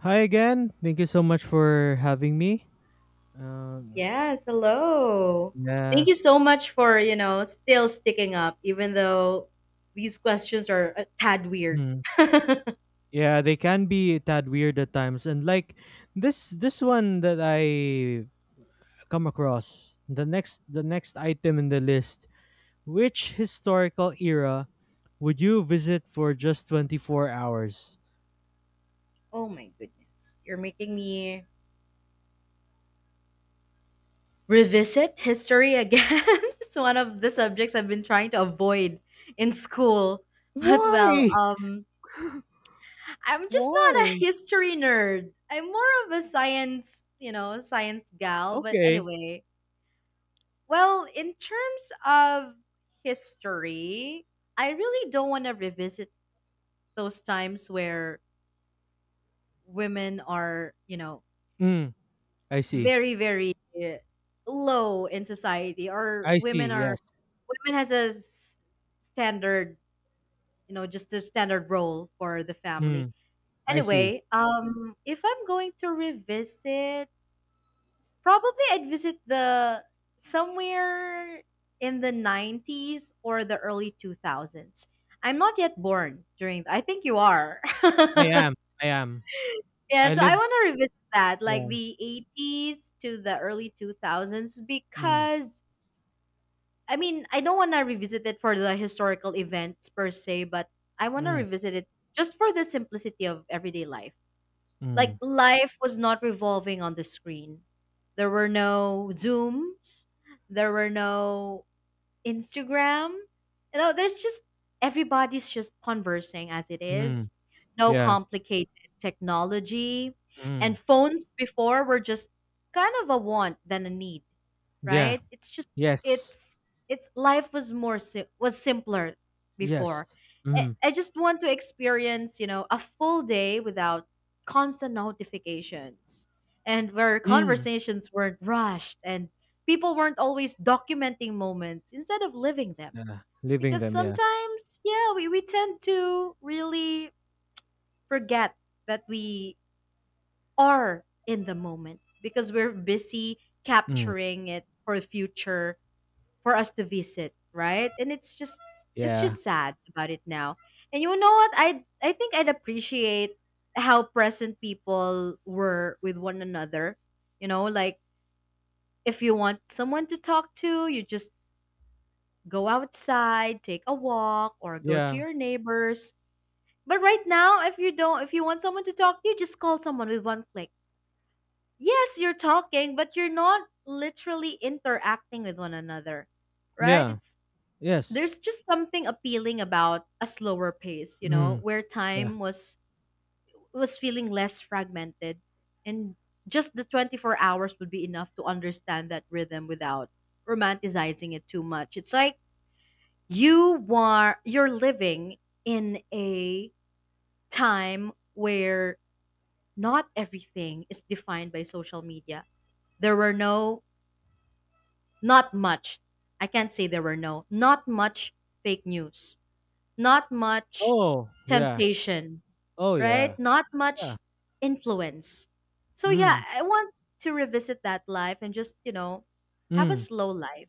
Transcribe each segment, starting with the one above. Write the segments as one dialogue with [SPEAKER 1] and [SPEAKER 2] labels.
[SPEAKER 1] Hi again. Thank you so much for having me. Um,
[SPEAKER 2] Yes, hello.
[SPEAKER 1] yeah,
[SPEAKER 2] Thank you so much for, you know, still sticking up, even though these questions are a tad weird.
[SPEAKER 1] mm, yeah, they can be a tad weird at times, and like this one that I come across the next item in the list. Which historical era would you visit for just 24 hours?
[SPEAKER 2] Oh my goodness. You're making me revisit history again. It's one of the subjects I've been trying to avoid in school. But well,
[SPEAKER 1] Why?
[SPEAKER 2] um, I'm just not a
[SPEAKER 1] Why?
[SPEAKER 2] history nerd. I'm more of a science, you know, science gal. But
[SPEAKER 1] Okay.
[SPEAKER 2] anyway, well, in terms of history, I really don't want to revisit those times where women are, you know,
[SPEAKER 1] Mm, I see.
[SPEAKER 2] very, very uh, low in society, or
[SPEAKER 1] I see.
[SPEAKER 2] women are
[SPEAKER 1] Yes.
[SPEAKER 2] women has a s- standard, you know, just a standard role for the family.
[SPEAKER 1] Mm, I see.
[SPEAKER 2] Anyway, if I'm going to revisit, probably I'd visit the somewhere in the 90s or the early 2000s. I'm not yet born during, I think you are.
[SPEAKER 1] I
[SPEAKER 2] Yeah,
[SPEAKER 1] am. I am.
[SPEAKER 2] so
[SPEAKER 1] I
[SPEAKER 2] I
[SPEAKER 1] live.
[SPEAKER 2] want to revisit that, like
[SPEAKER 1] Yeah.
[SPEAKER 2] the 80s to the early 2000s
[SPEAKER 1] Mm,
[SPEAKER 2] because I mean, I don't want to revisit it for the historical events per se, but I want to
[SPEAKER 1] mm.
[SPEAKER 2] revisit it just for the simplicity of everyday life. Like
[SPEAKER 1] Mm,
[SPEAKER 2] life was not revolving on the screen. There were no Zooms, there were no Instagram. You know, there's just everybody's just conversing as it is.
[SPEAKER 1] mm,
[SPEAKER 2] No
[SPEAKER 1] yeah,
[SPEAKER 2] complicated technology. And
[SPEAKER 1] mm,
[SPEAKER 2] phones before were just kind of a want than a need,
[SPEAKER 1] yeah,
[SPEAKER 2] right? It's just
[SPEAKER 1] yes,
[SPEAKER 2] it's it's life was more sim- was simpler
[SPEAKER 1] yes,
[SPEAKER 2] before. I,
[SPEAKER 1] mm,
[SPEAKER 2] I just want to experience, you know, a full day without constant notifications and where
[SPEAKER 1] mm,
[SPEAKER 2] conversations weren't rushed and people weren't always documenting moments instead of living them.
[SPEAKER 1] yeah, leaving
[SPEAKER 2] Because
[SPEAKER 1] them, yeah,
[SPEAKER 2] sometimes, yeah, we tend to really forget that we are in the moment because we're busy
[SPEAKER 1] mm,
[SPEAKER 2] capturing it for future, for us to visit, right? And it's
[SPEAKER 1] yeah,
[SPEAKER 2] just sad about it now. And you know what? I think I'd appreciate how present people were with one another. You know, like if you want someone to talk to, you just go outside, take a walk, or go to
[SPEAKER 1] yeah,
[SPEAKER 2] your neighbors. But right now, if you want someone to talk to, you just call someone with one click. Yes, you're talking, but you're not literally interacting with one another, right?
[SPEAKER 1] yeah,
[SPEAKER 2] It's
[SPEAKER 1] yes,
[SPEAKER 2] There's just something appealing about a slower pace, you know,
[SPEAKER 1] mm,
[SPEAKER 2] where
[SPEAKER 1] yeah,
[SPEAKER 2] time was feeling less fragmented and just the 24 hours would be enough to understand that rhythm without romanticizing it too much. It's like you're living in a time where not everything is defined by social media. There were no not much. I can't say there were no, not much fake news, not much
[SPEAKER 1] oh, yeah,
[SPEAKER 2] temptation,
[SPEAKER 1] oh, yeah,
[SPEAKER 2] right? Not
[SPEAKER 1] yeah,
[SPEAKER 2] much influence. So yeah,
[SPEAKER 1] mm,
[SPEAKER 2] I want to revisit that life and just, you know, have a
[SPEAKER 1] mm,
[SPEAKER 2] slow life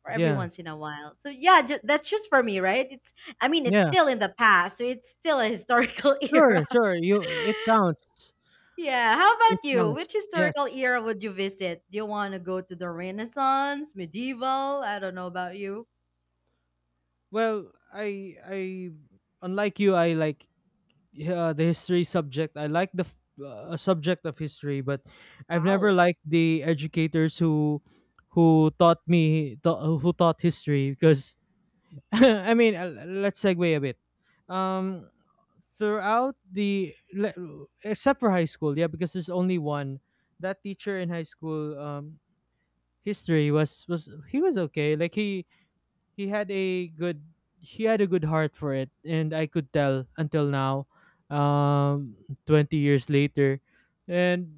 [SPEAKER 2] for every
[SPEAKER 1] yeah,
[SPEAKER 2] once in a while. So yeah, that's just for me, right? It's I mean, it's
[SPEAKER 1] yeah,
[SPEAKER 2] still in the past, so it's still a historical era.
[SPEAKER 1] sure, sure, you,
[SPEAKER 2] Yeah, how
[SPEAKER 1] it
[SPEAKER 2] about you?
[SPEAKER 1] counts,
[SPEAKER 2] Which historical
[SPEAKER 1] yes.
[SPEAKER 2] era would you visit? Do you want to go to the Renaissance, medieval? I don't know about you.
[SPEAKER 1] Well, unlike you, I like, yeah, the history subject. I like the subject of history, but I've never
[SPEAKER 2] Wow.
[SPEAKER 1] liked the educators who who taught history because I mean, let's segue a bit. um Except for high school, yeah, because there's only one, that teacher in high school. Um, history was he was okay. Like he had a good he had a good heart for it, and I could tell until now, um 20 years later. And,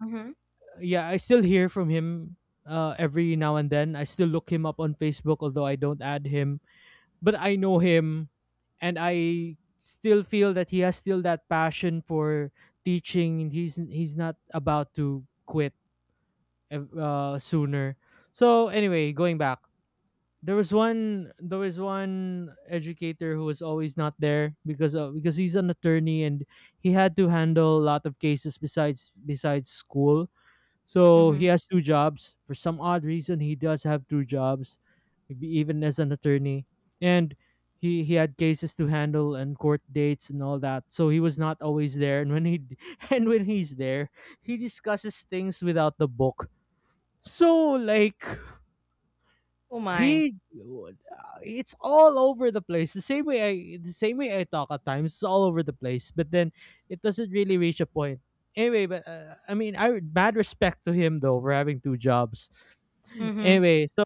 [SPEAKER 2] Mhm.
[SPEAKER 1] yeah, I still hear from him. Every now and then, I still look him up on Facebook, although I don't add him, but I know him. And I still feel that he has still that passion for teaching, and he's not about to quit sooner. So anyway, going back, there was one educator who was always not there because he's an attorney, and he had to handle a lot of cases besides school. So he
[SPEAKER 2] Mhm.
[SPEAKER 1] has two jobs. For some odd reason, he does have two jobs, maybe even as an attorney. And he had cases to handle and court dates and all that, so he was not always there. And when he and when he's there, he discusses things without the book. So like
[SPEAKER 2] Oh my.
[SPEAKER 1] he, it's all over the place. The same way I talk at times. It's all over the place. But then it doesn't really reach a point. Anyway, but I mean, I mad respect to him though for having two jobs.
[SPEAKER 2] Mhm.
[SPEAKER 1] Anyway, so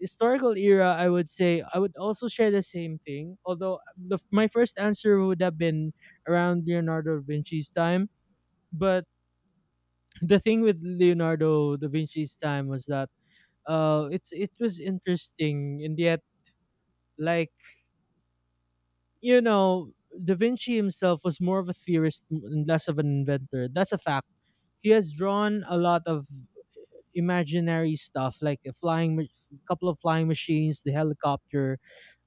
[SPEAKER 1] historical era, I would say I would also share the same thing. Although my first answer would have been around Leonardo da Vinci's time. But the thing with Leonardo da Vinci's time was that, it was interesting, and yet, like, you know, Da Vinci himself was more of a theorist and less of an inventor. That's a fact. He has drawn a lot of imaginary stuff, like a couple of flying machines, the helicopter,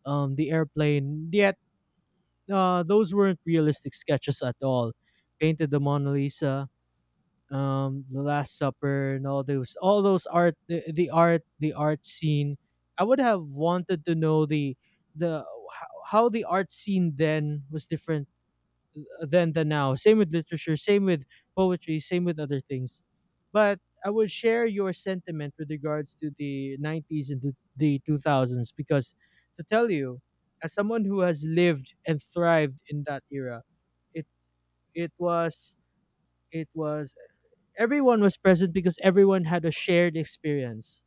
[SPEAKER 1] the airplane. Yet, those weren't realistic sketches at all. Painted the Mona Lisa, the Last Supper, and all those, art, the art scene. I would have wanted to know the how the art scene then was different than the now. Same with literature, same with poetry, same with other things. But I would share your sentiment with regards to the 90s and the 2000s because, to tell you, as someone who has lived and thrived in that era, it it was it was everyone was present because everyone had a shared experience.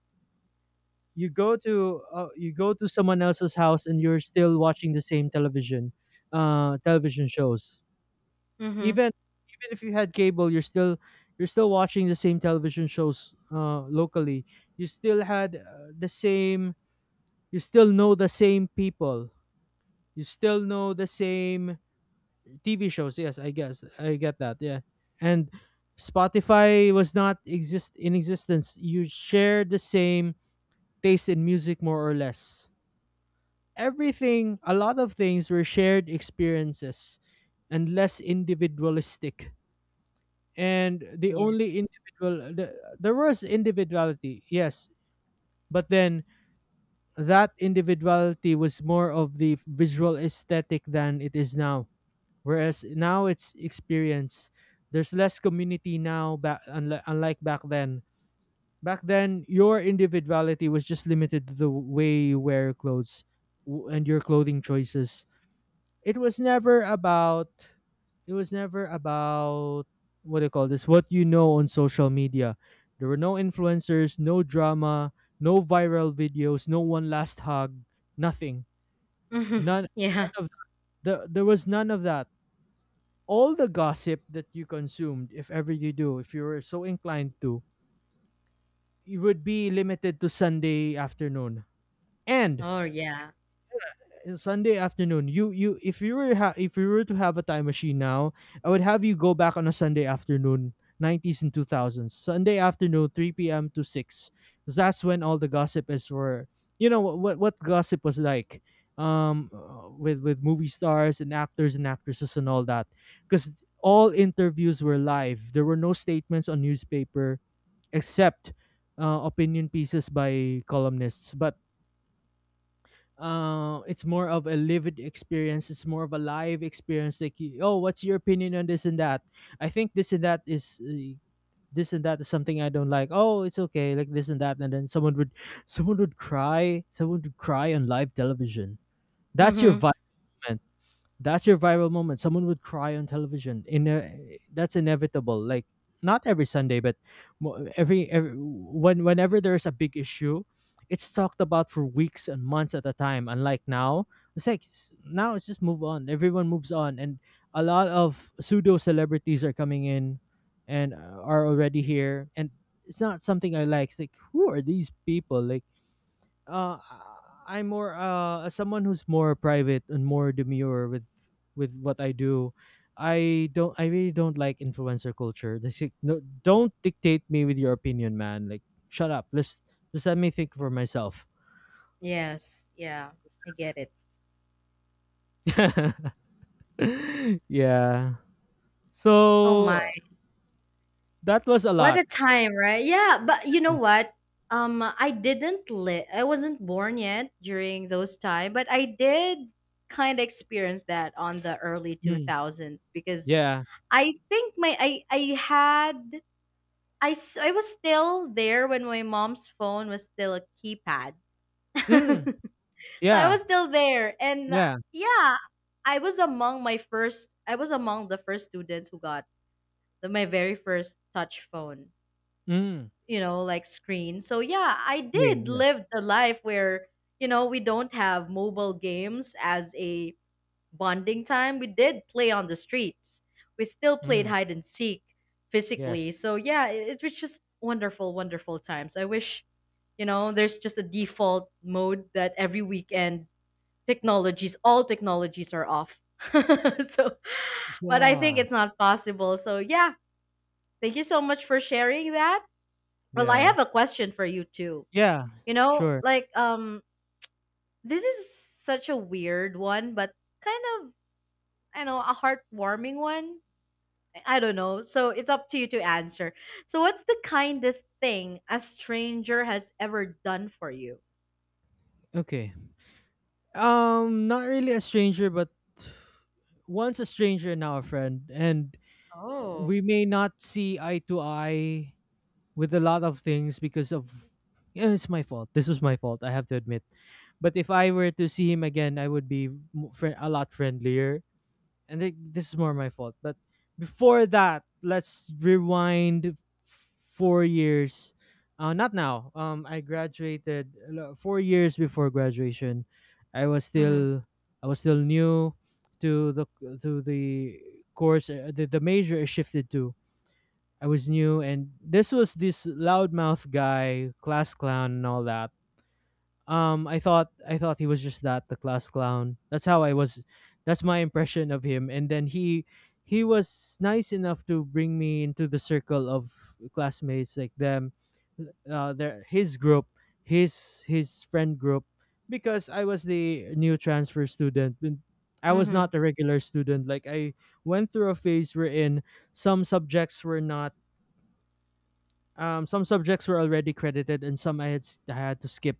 [SPEAKER 1] You go to someone else's house, and you're still watching the same television shows.
[SPEAKER 2] Mhm.
[SPEAKER 1] Even Even if you had cable, you're still, watching the same television shows, locally. You still had, the same. You still know the same people. You still know the same TV shows. Yes, I guess I get that. Yeah, and Spotify was not exist in existence. You share the same taste in music, more or less. Everything, a lot of things were shared experiences and less individualistic. And the only
[SPEAKER 2] Yes.
[SPEAKER 1] individual, there was individuality, yes, but then that individuality was more of the visual aesthetic than it is now, whereas now it's experience. There's less community now back unlike back then. Back then your individuality was just limited to the way you wear clothes and your clothing choices. It was never about, it was never about what do you call this? What, you know, on social media. There were no influencers, no drama, no viral videos, no one last hug, nothing.
[SPEAKER 2] Yeah.
[SPEAKER 1] None of there was none of that. All the gossip that you consumed, if ever you do, if you were so inclined to, it would be limited to Sunday afternoon. And,
[SPEAKER 2] Oh, yeah.
[SPEAKER 1] Sunday afternoon. You If you were if you were to have a time machine now, I would have you go back on a Sunday afternoon, 90s and 2000s. Sunday afternoon, 3 p.m. to 6. 'Cause that's when all the gossip is. Were You know what gossip was like, with movie stars and actors and actresses and all that, because all interviews were live. There were no statements on newspaper, except, opinion pieces by columnists, but, it's more of a lived experience. It's more of a live experience. Like, you, oh, what's your opinion on this and that? I think this and that is, something I don't like. Oh, it's okay, like this and that. And then someone would cry. Someone would cry on live television. That's your
[SPEAKER 2] Mm-hmm.
[SPEAKER 1] vibe, man. That's your viral moment. Someone would cry on television. In a That's inevitable. Like not every Sunday, but every, whenever there's a big issue, it's talked about for weeks and months at a time. Unlike now, it's like now it's just move on. Everyone moves on, and a lot of pseudo celebrities are coming in, and, are already here. And it's not something I like. It's like who are these people? Uh I- I'm more, as someone who's more private and more demure with what I do. I really don't like influencer culture. They say, no, don't dictate me with your opinion, man. Like shut up. Let's just let me think for myself.
[SPEAKER 2] Yes. Yeah. I get it.
[SPEAKER 1] Yeah.
[SPEAKER 2] Oh
[SPEAKER 1] So
[SPEAKER 2] my.
[SPEAKER 1] that was a
[SPEAKER 2] What
[SPEAKER 1] lot.
[SPEAKER 2] a time, right? Yeah, but you know what? I didn't live. I wasn't born yet during those time, but I did kind of experience that on the early
[SPEAKER 1] Mm,
[SPEAKER 2] 2000s because
[SPEAKER 1] yeah.
[SPEAKER 2] I think my I had I was still there when my mom's phone was still a keypad.
[SPEAKER 1] Mm,
[SPEAKER 2] So I was
[SPEAKER 1] yeah.
[SPEAKER 2] still there, and
[SPEAKER 1] Yeah.
[SPEAKER 2] yeah, I was among my first. I was among the first students who got my very first touch phone.
[SPEAKER 1] Mm.
[SPEAKER 2] You know, like screen. So yeah, I did
[SPEAKER 1] Green, yeah.
[SPEAKER 2] live the life where you know we don't have mobile games as a bonding time. We did play on the streets. We still played
[SPEAKER 1] Mm.
[SPEAKER 2] hide and seek
[SPEAKER 1] Yes.
[SPEAKER 2] physically. So yeah, it was just wonderful, wonderful times. I wish you know there's just a default mode that every weekend technologies all technologies are off. So but I think
[SPEAKER 1] Yeah.
[SPEAKER 2] it's not possible. So yeah, thank you so much for sharing that. Well, I
[SPEAKER 1] Yeah.
[SPEAKER 2] have a question for you too.
[SPEAKER 1] Yeah.
[SPEAKER 2] You know,
[SPEAKER 1] Sure.
[SPEAKER 2] like, this is such a weird one, but kind of, I know, a heartwarming one. I don't know, so it's up to you to answer. So what's the kindest thing a stranger has ever done for you?
[SPEAKER 1] Okay. Not really a stranger, but once a stranger, now a friend, and
[SPEAKER 2] Oh.
[SPEAKER 1] we may not see eye to eye with a lot of things because of, yeah, it's my fault. This was my fault. I have to admit. But if I were to see him again, I would be mo- fri a lot friendlier, and this is more my fault. But before that, let's rewind 4 years. Not now. I graduated, 4 years before graduation. I was
[SPEAKER 2] Mm-hmm.
[SPEAKER 1] still, new to the to the course. The major I shifted to. I was new, and this was this loudmouth guy, class clown, and all that. Um, I thought he was just that the class clown. That's how I was. That's my impression of him. And then he was nice enough to bring me into the circle of classmates like them, their his group, his friend group, because I was the new transfer student. And I was
[SPEAKER 2] Mm-hmm.
[SPEAKER 1] not a regular student. Like I went through a phase wherein some subjects were not. Some subjects were already credited, and some I had I had to skip,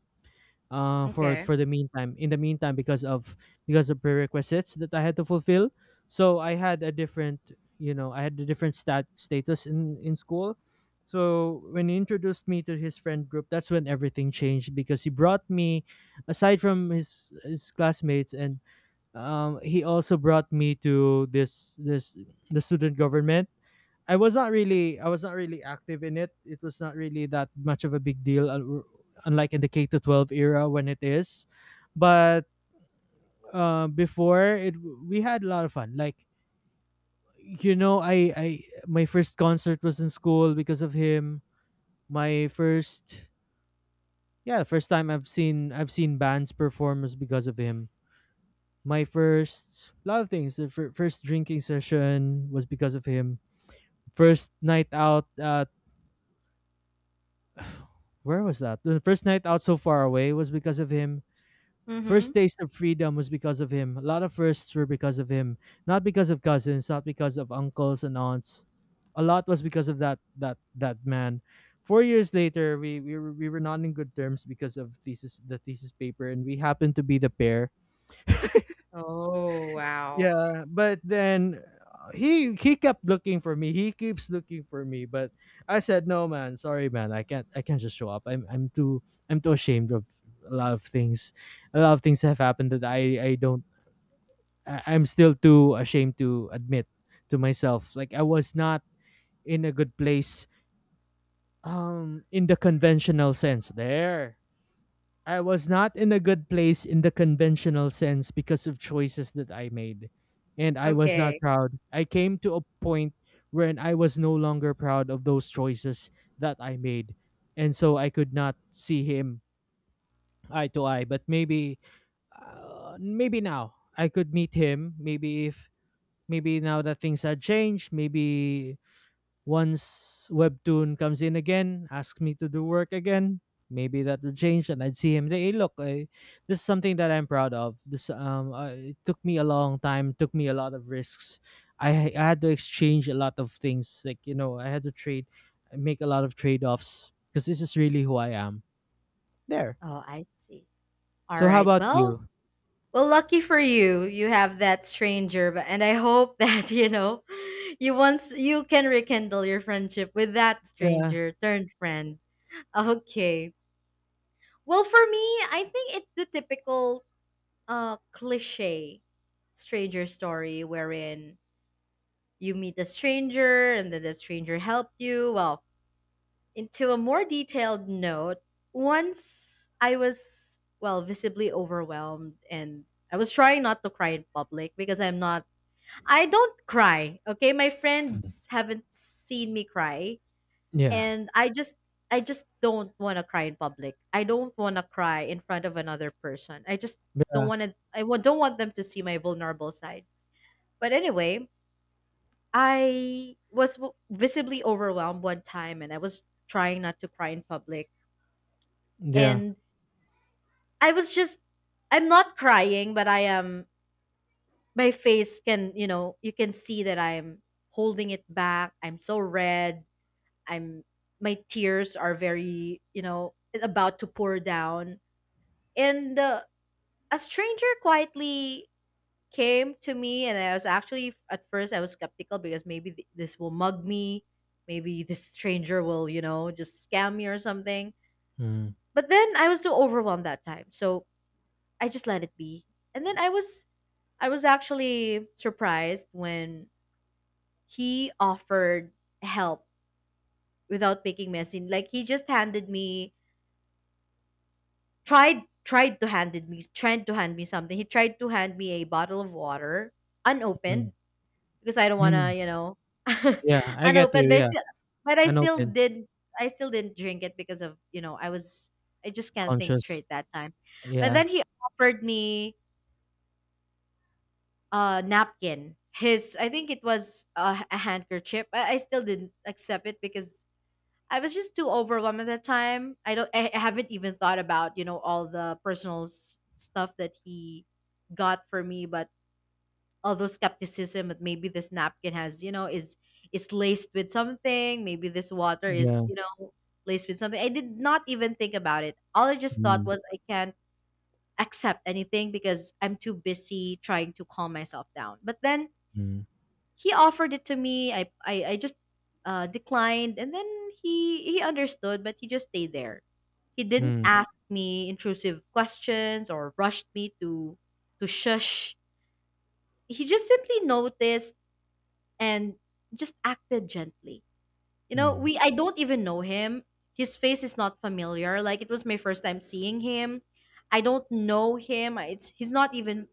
[SPEAKER 2] Okay.
[SPEAKER 1] for the meantime in the meantime, because of, prerequisites that I had to fulfill. So I had a different, stat status in school. So when he introduced me to his friend group, that's when everything changed, because he brought me aside from his classmates, and, he also brought me to this this the student government. I was not really, active in it. It was not really that much of a big deal, unlike in the K to 12 era when it is. But, before it, we had a lot of fun. Like, I, my first concert was in school because of him. My first yeah, First time I've seen bands perform was because of him. My first lot of things. The first drinking session was because of him. First night out at, where was that? The first night out so far away was because of him.
[SPEAKER 2] Mm-hmm.
[SPEAKER 1] First taste of freedom was because of him. A lot of firsts were because of him. Not because of cousins, not because of uncles and aunts. A lot was because of that man. 4 years later, we were not in good terms because of the thesis paper, and we happened to be the pair.
[SPEAKER 2] Oh wow.
[SPEAKER 1] Yeah, but then he kept looking for me. He keeps looking for me, but I said, "No, man. Sorry, man. I can't. I can't just show up. I'm too ashamed of a lot of things. A lot of things have happened that I don't. I'm still too ashamed to admit to myself. Like I was not in a good place. In the conventional sense, there. I was not in a good place in the conventional sense because of choices that I made. And I was not
[SPEAKER 2] Okay.
[SPEAKER 1] proud. I came to a point when I was no longer proud of those choices that I made. And so I could not see him eye to eye. But maybe, maybe now I could meet him. Maybe if, maybe now that things had changed, maybe once Webtoon comes in again, ask me to do work again, maybe that will change and I'd see him. Hey, hey, look, this is something that I'm proud of. This It took me a long time, took me a lot of risks. I had to exchange a lot of things. Like, you know, I had to trade, make a lot of trade offs because this is really who I am. There.
[SPEAKER 2] Oh, I see. All
[SPEAKER 1] So, how
[SPEAKER 2] right.
[SPEAKER 1] about
[SPEAKER 2] Well,
[SPEAKER 1] you?
[SPEAKER 2] well, lucky for you, you have that stranger, but and I hope that you know, you once you can rekindle your friendship with that
[SPEAKER 1] Yeah.
[SPEAKER 2] stranger turned friend. Okay. Well, for me, I think it's the typical cliche stranger story wherein you meet a stranger and then the stranger helped you. Well, into a more detailed note, once I was, well, visibly overwhelmed and I was trying not to cry in public because I'm not, I don't cry. Okay. My
[SPEAKER 1] Mm.
[SPEAKER 2] friends haven't seen me cry
[SPEAKER 1] Yeah.
[SPEAKER 2] and I just don't want to cry in public. I don't want to cry in front of another person. Don't want them to see my vulnerable side. But anyway, I was visibly overwhelmed one time and I was trying not to cry in public
[SPEAKER 1] Yeah.
[SPEAKER 2] and I was just I'm not crying, but I am my face can, you know, you can see that I'm holding it back. I'm so red. I'm My tears are very, you know, about to pour down. And a stranger quietly came to me and I was actually at first I was skeptical because maybe this will mug me. Maybe this stranger will, you know, just scam me or something.
[SPEAKER 1] Mm,
[SPEAKER 2] But then I was so overwhelmed that time. So I just let it be. And then I was actually surprised when he offered help without making me a scene. Like he just handed me tried to hand me something. He tried to hand me a bottle of water
[SPEAKER 1] mm,
[SPEAKER 2] unopened because I don't wanna, you
[SPEAKER 1] mm.
[SPEAKER 2] know.
[SPEAKER 1] Yeah, I get
[SPEAKER 2] Unopened,
[SPEAKER 1] you. Yeah,
[SPEAKER 2] but I
[SPEAKER 1] an
[SPEAKER 2] still
[SPEAKER 1] open
[SPEAKER 2] did I still didn't drink it because of, you know, I just can't think
[SPEAKER 1] conscious.
[SPEAKER 2] straight that time. But
[SPEAKER 1] Yeah,
[SPEAKER 2] then he offered me napkin, his I think it was a handkerchief. I still didn't accept it because I was just too overwhelmed at that time. I don't I haven't even thought about you know all the personal stuff that he got for me, but all those skepticism that maybe this napkin has, you know, is laced with something, maybe this water is,
[SPEAKER 1] yeah.
[SPEAKER 2] you know, laced with something, I did not even think about it. All I just thought
[SPEAKER 1] Mm,
[SPEAKER 2] was I can't accept anything because I'm too busy trying to calm myself down. But then
[SPEAKER 1] mm,
[SPEAKER 2] he offered it to me. I just declined, and then he understood, but he just stayed there. He didn't
[SPEAKER 1] mm,
[SPEAKER 2] ask me intrusive questions or rushed me to shush. He just simply noticed and just acted gently. You know,
[SPEAKER 1] mm.
[SPEAKER 2] we I don't even know him. His face is not familiar. Like it was my first time seeing him. I don't know him. It's He's not even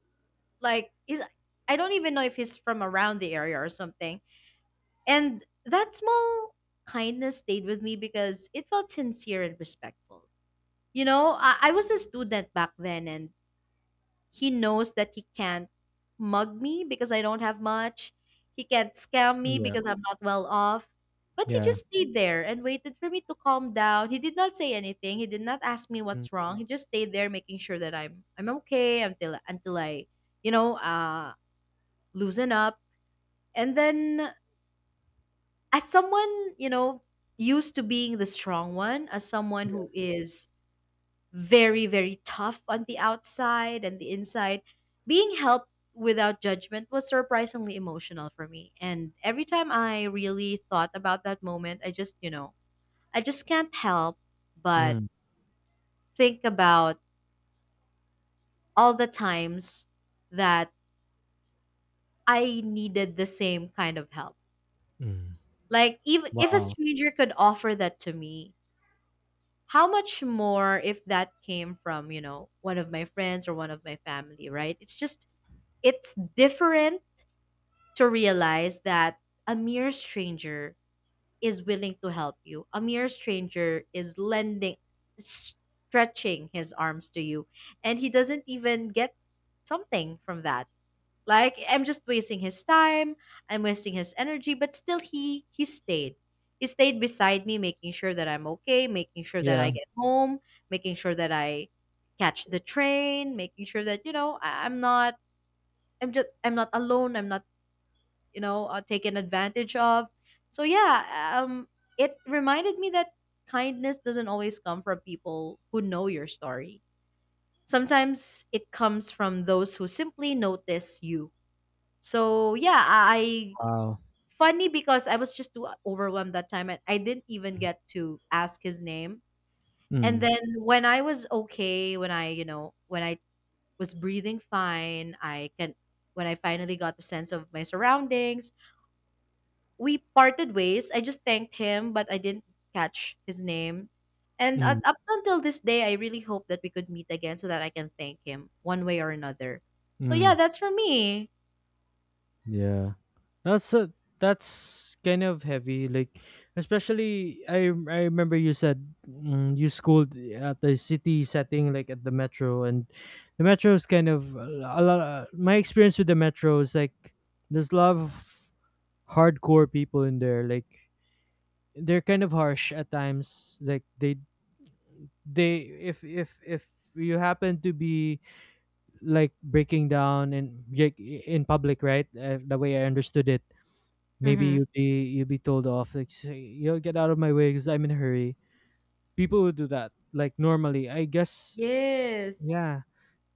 [SPEAKER 2] like he's I don't even know if he's from around the area or something. And that small kindness stayed with me because it felt sincere and respectful. You know, I was a student back then, and he knows that he can't mug me because I don't have much. He can't scam me
[SPEAKER 1] Yeah,
[SPEAKER 2] because I'm not well off. But he
[SPEAKER 1] yeah,
[SPEAKER 2] just stayed there and waited for me to calm down. He did not say anything. He did not ask me
[SPEAKER 1] mm,
[SPEAKER 2] what's wrong. He just stayed there, making sure that I'm okay until I, you know, loosen up. And then as someone you know used to being the strong one, as someone
[SPEAKER 1] yeah,
[SPEAKER 2] who is very, very tough on the outside and the inside, being helped without judgment was surprisingly emotional for me. And every time I really thought about that moment, I just, you know, I just can't help but
[SPEAKER 1] mm,
[SPEAKER 2] think about all the times that I needed the same kind of help.
[SPEAKER 1] mm.
[SPEAKER 2] Like even if a
[SPEAKER 1] Wow.
[SPEAKER 2] stranger could offer that to me, how much more if that came from, you know, one of my friends or one of my family, right? It's different to realize that a mere stranger is willing to help you, a mere stranger is lending stretching his arms to you, and he doesn't even get something from that. Like I'm just wasting his time, I'm wasting his energy, but still he stayed. He stayed beside me making sure that I'm okay, making sure that
[SPEAKER 1] Yeah,
[SPEAKER 2] I get home, making sure that I catch the train, making sure that I'm not I'm not alone, I'm not taken advantage of. So yeah, um it reminded me that kindness doesn't always come from people who know your story. Sometimes it comes from those who simply notice you. So yeah, I
[SPEAKER 1] wow.
[SPEAKER 2] funny because I was just too overwhelmed that time and I didn't even get to ask his name. And
[SPEAKER 1] Mm,
[SPEAKER 2] then when I was okay, when I was breathing fine, I can when I finally got the sense of my surroundings, we parted ways. I just thanked him, but I didn't catch his name. And up
[SPEAKER 1] mm,
[SPEAKER 2] up until this day, I really hope that we could meet again so that I can thank him one way or another. So yeah,
[SPEAKER 1] mm.
[SPEAKER 2] that's for me.
[SPEAKER 1] Yeah. That's a, that's kind of heavy. Like, especially I remember you said, you schooled at the city setting, like at the metro, and the metro is kind of a lot. My experience with the metro is like there's a lot of hardcore people in there. Like, they're kind of harsh at times. Like they if you happen to be like breaking down and like, in public, right? The way I understood it, maybe
[SPEAKER 2] Mhm.
[SPEAKER 1] you'd be, told off. Like, say, "Yo, get out of my way because I'm in a hurry." People would do that, like, normally, I guess.
[SPEAKER 2] Yes.
[SPEAKER 1] Yeah,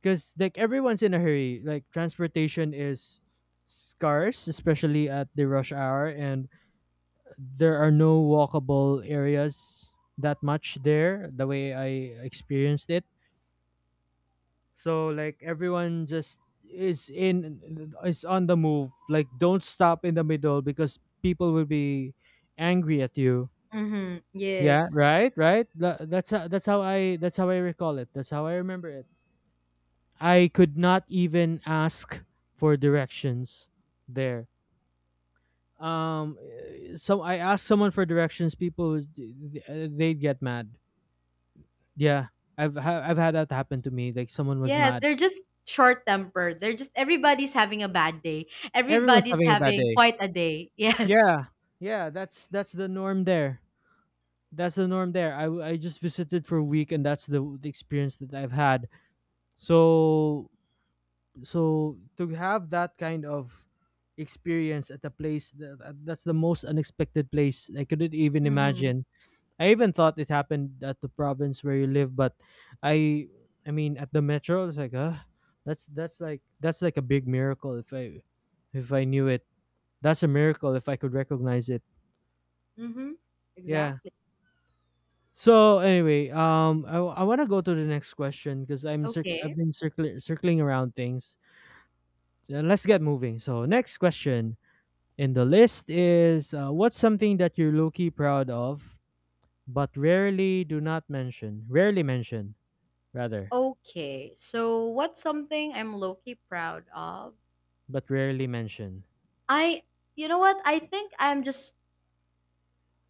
[SPEAKER 1] because like everyone's in a hurry. Like transportation is scarce, especially at the rush hour, and there are no walkable areas that much there, the way I experienced it. So like everyone just is on the move. Like, don't stop in the middle because people will be angry at you.
[SPEAKER 2] Mm-hmm.
[SPEAKER 1] Yeah,
[SPEAKER 2] Yes.
[SPEAKER 1] right, right. That's how I recall it. That's how I remember it. I could not even ask for directions there. So I asked someone for directions, people would- th- eh, they'd get mad. Yeah. I've had that happen to me. Like someone was
[SPEAKER 2] Yes,
[SPEAKER 1] mad.
[SPEAKER 2] they're just short-tempered. They're just everybody's having a bad day.
[SPEAKER 1] Everyone's
[SPEAKER 2] Everybody's
[SPEAKER 1] having a bad
[SPEAKER 2] having
[SPEAKER 1] day.
[SPEAKER 2] quite a day. Yes.
[SPEAKER 1] Yeah, yeah, that's the norm there. That's the norm there. I just visited for a week, and that's the experience that I've had. So, to have that kind of experience at a place that, that's the most unexpected place. I couldn't even
[SPEAKER 2] Mm-hmm.
[SPEAKER 1] imagine. I even thought it happened at the province where you live, but I I mean at the metro, it's like, that's, that's like a big miracle if I, knew it. That's a miracle if I could recognize it.
[SPEAKER 2] Mm-hmm.
[SPEAKER 1] Yeah.
[SPEAKER 2] Exactly.
[SPEAKER 1] So anyway, I want to go to the next question because
[SPEAKER 2] Okay.
[SPEAKER 1] I've been circling around things. So let's get moving. So, next question in the list is, what's something that you're low key proud of but rarely do not mention, rarely mention, rather,
[SPEAKER 2] Okay. So what's something I'm low-key proud of?
[SPEAKER 1] but rarely mention.
[SPEAKER 2] I You know what? I think I'm just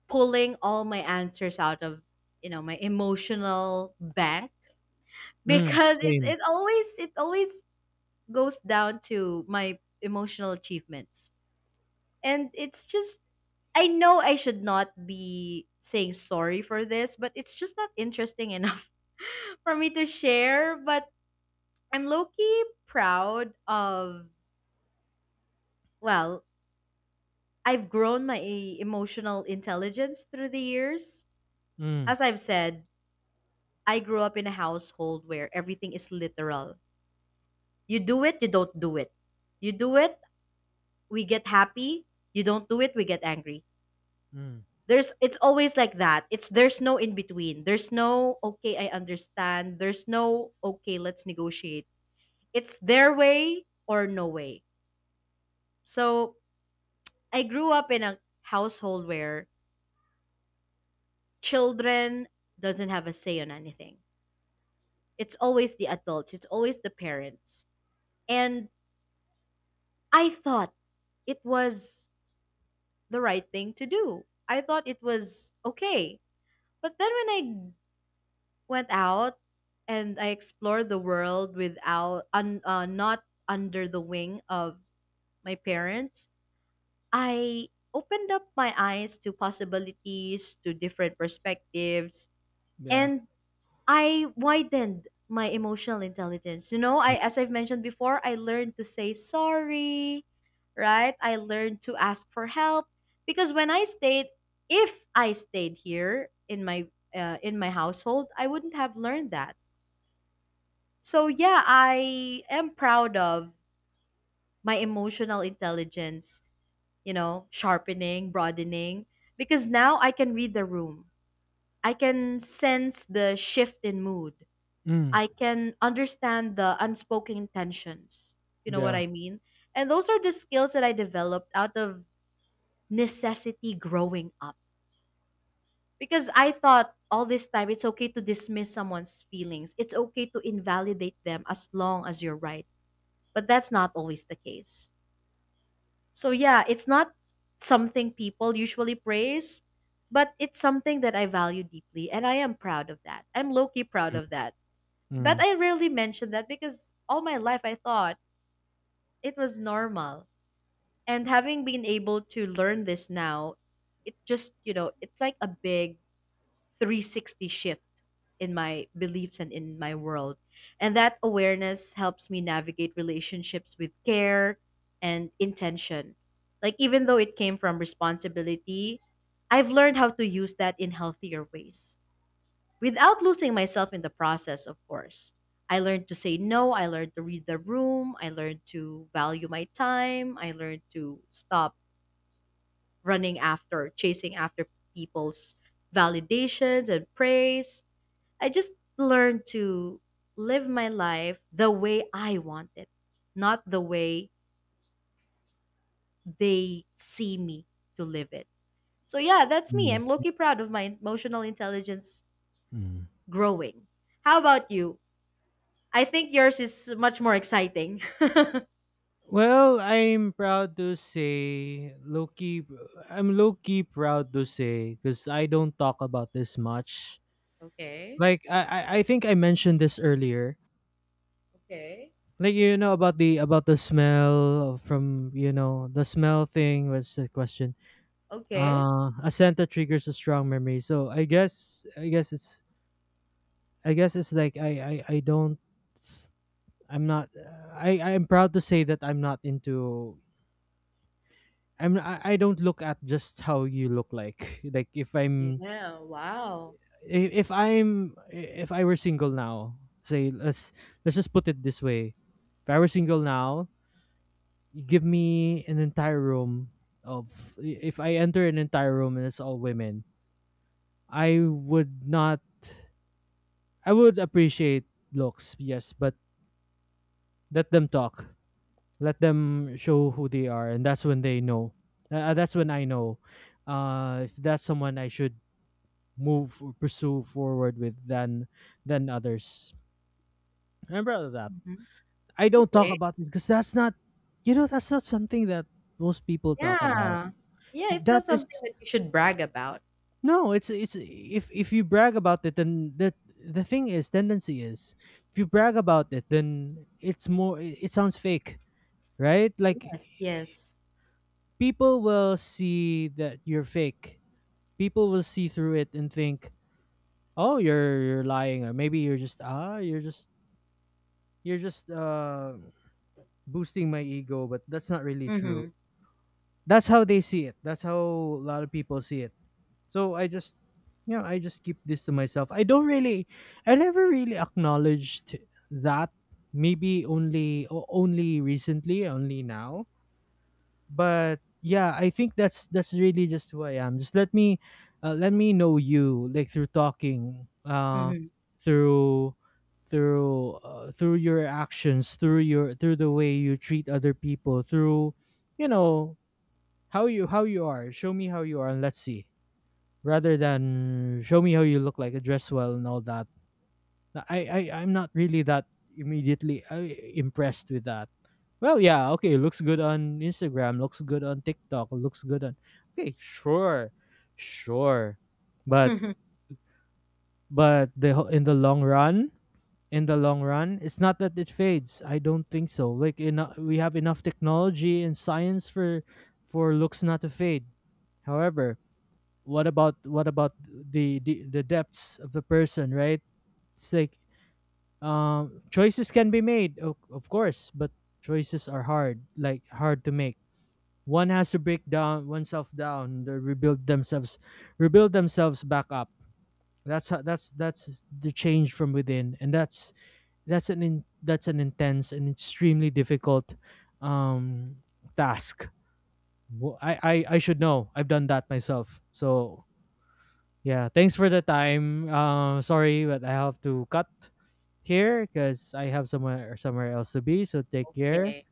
[SPEAKER 2] pulling all my answers out of, my emotional bank
[SPEAKER 1] Mm,
[SPEAKER 2] because
[SPEAKER 1] same.
[SPEAKER 2] it always goes down to my emotional achievements, and it's just I know I should not be saying sorry for this, but it's just not interesting enough for me to share. But I'm low key proud of, well, I've grown my emotional intelligence through the years.
[SPEAKER 1] Mm,
[SPEAKER 2] As I've said, I grew up in a household where everything is literal. You do it, you don't do it. You do it, we get happy. You don't do it, we get angry.
[SPEAKER 1] mm,
[SPEAKER 2] There's It's always like that. It's There's no in between. There's no, "Okay, I understand." There's no, "Okay, let's negotiate." It's their way or no way. So, I grew up in a household where children doesn't have a say on anything. It's always the adults, it's always the parents. And I thought it was the right thing to do. I thought it was okay. But then when I went out and I explored the world without not under the wing of my parents. I opened up my eyes to possibilities, to different perspectives,
[SPEAKER 1] yeah.
[SPEAKER 2] and I widened my emotional intelligence. You know, I
[SPEAKER 1] Mm,
[SPEAKER 2] as I've mentioned before, I learned to say sorry, right? I learned to ask for help because when I stayed if I stayed here in my household, I wouldn't have learned that. So yeah, I am proud of my emotional intelligence, you know, sharpening, broadening, because now I can read the room. I can sense the shift in mood.
[SPEAKER 1] mm,
[SPEAKER 2] I can understand the unspoken intentions. You know what
[SPEAKER 1] yeah.
[SPEAKER 2] I mean? And those are the skills that I developed out of necessity growing up. Because I thought all this time it's okay to dismiss someone's feelings, it's okay to invalidate them as long as you're right. But that's not always the case. So yeah, it's not something people usually praise, but it's something that I value deeply and I am proud of that. I'm low key proud
[SPEAKER 1] Mm,
[SPEAKER 2] of that. But
[SPEAKER 1] mm,
[SPEAKER 2] I rarely mention that because all my life I thought it was normal. And having been able to learn this now, it just, you know, it's like a big 360 shift in my beliefs and in my world. And that awareness helps me navigate relationships with care and intention. Like, even though it came from responsibility, I've learned how to use that in healthier ways without losing myself in the process, of course. I learned to say no. I learned to read the room. I learned to value my time. I learned to stop running after, chasing after people's validations and praise. I just learned to live my life the way I want it, not the way they see me to live it. So yeah, that's me.
[SPEAKER 1] mm,
[SPEAKER 2] I'm Loki proud of my emotional intelligence
[SPEAKER 1] mm.
[SPEAKER 2] growing. How about you? I think yours is much more exciting.
[SPEAKER 1] Well, I'm proud to say, low key, I'm low key proud to say, because I don't talk about this much.
[SPEAKER 2] Okay.
[SPEAKER 1] Like, I think I mentioned this earlier.
[SPEAKER 2] Okay.
[SPEAKER 1] Like, you know about the, smell, from, the smell thing was the question.
[SPEAKER 2] Okay.
[SPEAKER 1] A scent that triggers a strong memory. So I guess it's like I don't. I'm not. I'm proud to say that I'm not into I'm, I don't look at just how you look like. Like, if I'm
[SPEAKER 2] Yeah. Wow.
[SPEAKER 1] I- if I'm if I were single now, say, let's just put it this way. If I were single now, you give me an entire room of if I enter an entire room and it's all women, I would not, I would appreciate looks, yes, but let them talk. Let them show who they are and that's when they know. That's when I know, if that's someone I should move or pursue forward with, than others. I remember that.
[SPEAKER 2] Mhm.
[SPEAKER 1] I don't talk
[SPEAKER 2] Okay.
[SPEAKER 1] about this because that's not, that's not something that most people talk about.
[SPEAKER 2] Yeah. Yeah, it's
[SPEAKER 1] That
[SPEAKER 2] not
[SPEAKER 1] is
[SPEAKER 2] something that you should brag about.
[SPEAKER 1] no, it's, if you brag about it then the thing is, tendency is, if you brag about it then it's more, it sounds fake, right? Like,
[SPEAKER 2] Yes. Yes.
[SPEAKER 1] people will see that you're fake. People will see through it and think, "Oh, you're lying," or maybe you're just, you're just uh boosting my ego, but that's not really true.
[SPEAKER 2] Mm-hmm.
[SPEAKER 1] That's how they see it. That's how a lot of people see it. So I just, you know, I just keep this to myself. I don't really, I never really acknowledged that. Maybe only, only recently, only now, but yeah, I think that's really just who I am. Just let me, know you, like, through talking,
[SPEAKER 2] Mm-hmm.
[SPEAKER 1] through, through your actions, through the way you treat other people, through, you know how you, are. Show me how you are and let's see, rather than show me how you look like, dress well and all that. I'm not really that immediately, impressed with that. Well, yeah, okay, looks good on Instagram, looks good on TikTok, looks good on, okay, sure, sure, but in the long run, in the long run, it's not that it fades. I don't think so. Like, we have enough technology and science for looks not to fade. However, what about, the, the depths of the person, right? It's like, choices can be made, of course, but choices are hard, like hard to make. One has to break down oneself down, to rebuild themselves, back up. That's how, that's the change from within, and that's an, that's an intense and extremely difficult, um task. I should know. I've done that myself, so yeah, thanks for the time. Sorry, but I have to cut here because I have somewhere else to be. So take care.
[SPEAKER 2] Okay.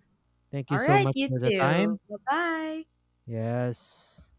[SPEAKER 1] Thank you
[SPEAKER 2] All
[SPEAKER 1] so
[SPEAKER 2] right,
[SPEAKER 1] much
[SPEAKER 2] you
[SPEAKER 1] for the
[SPEAKER 2] too.
[SPEAKER 1] time.
[SPEAKER 2] Bye bye.
[SPEAKER 1] Yes.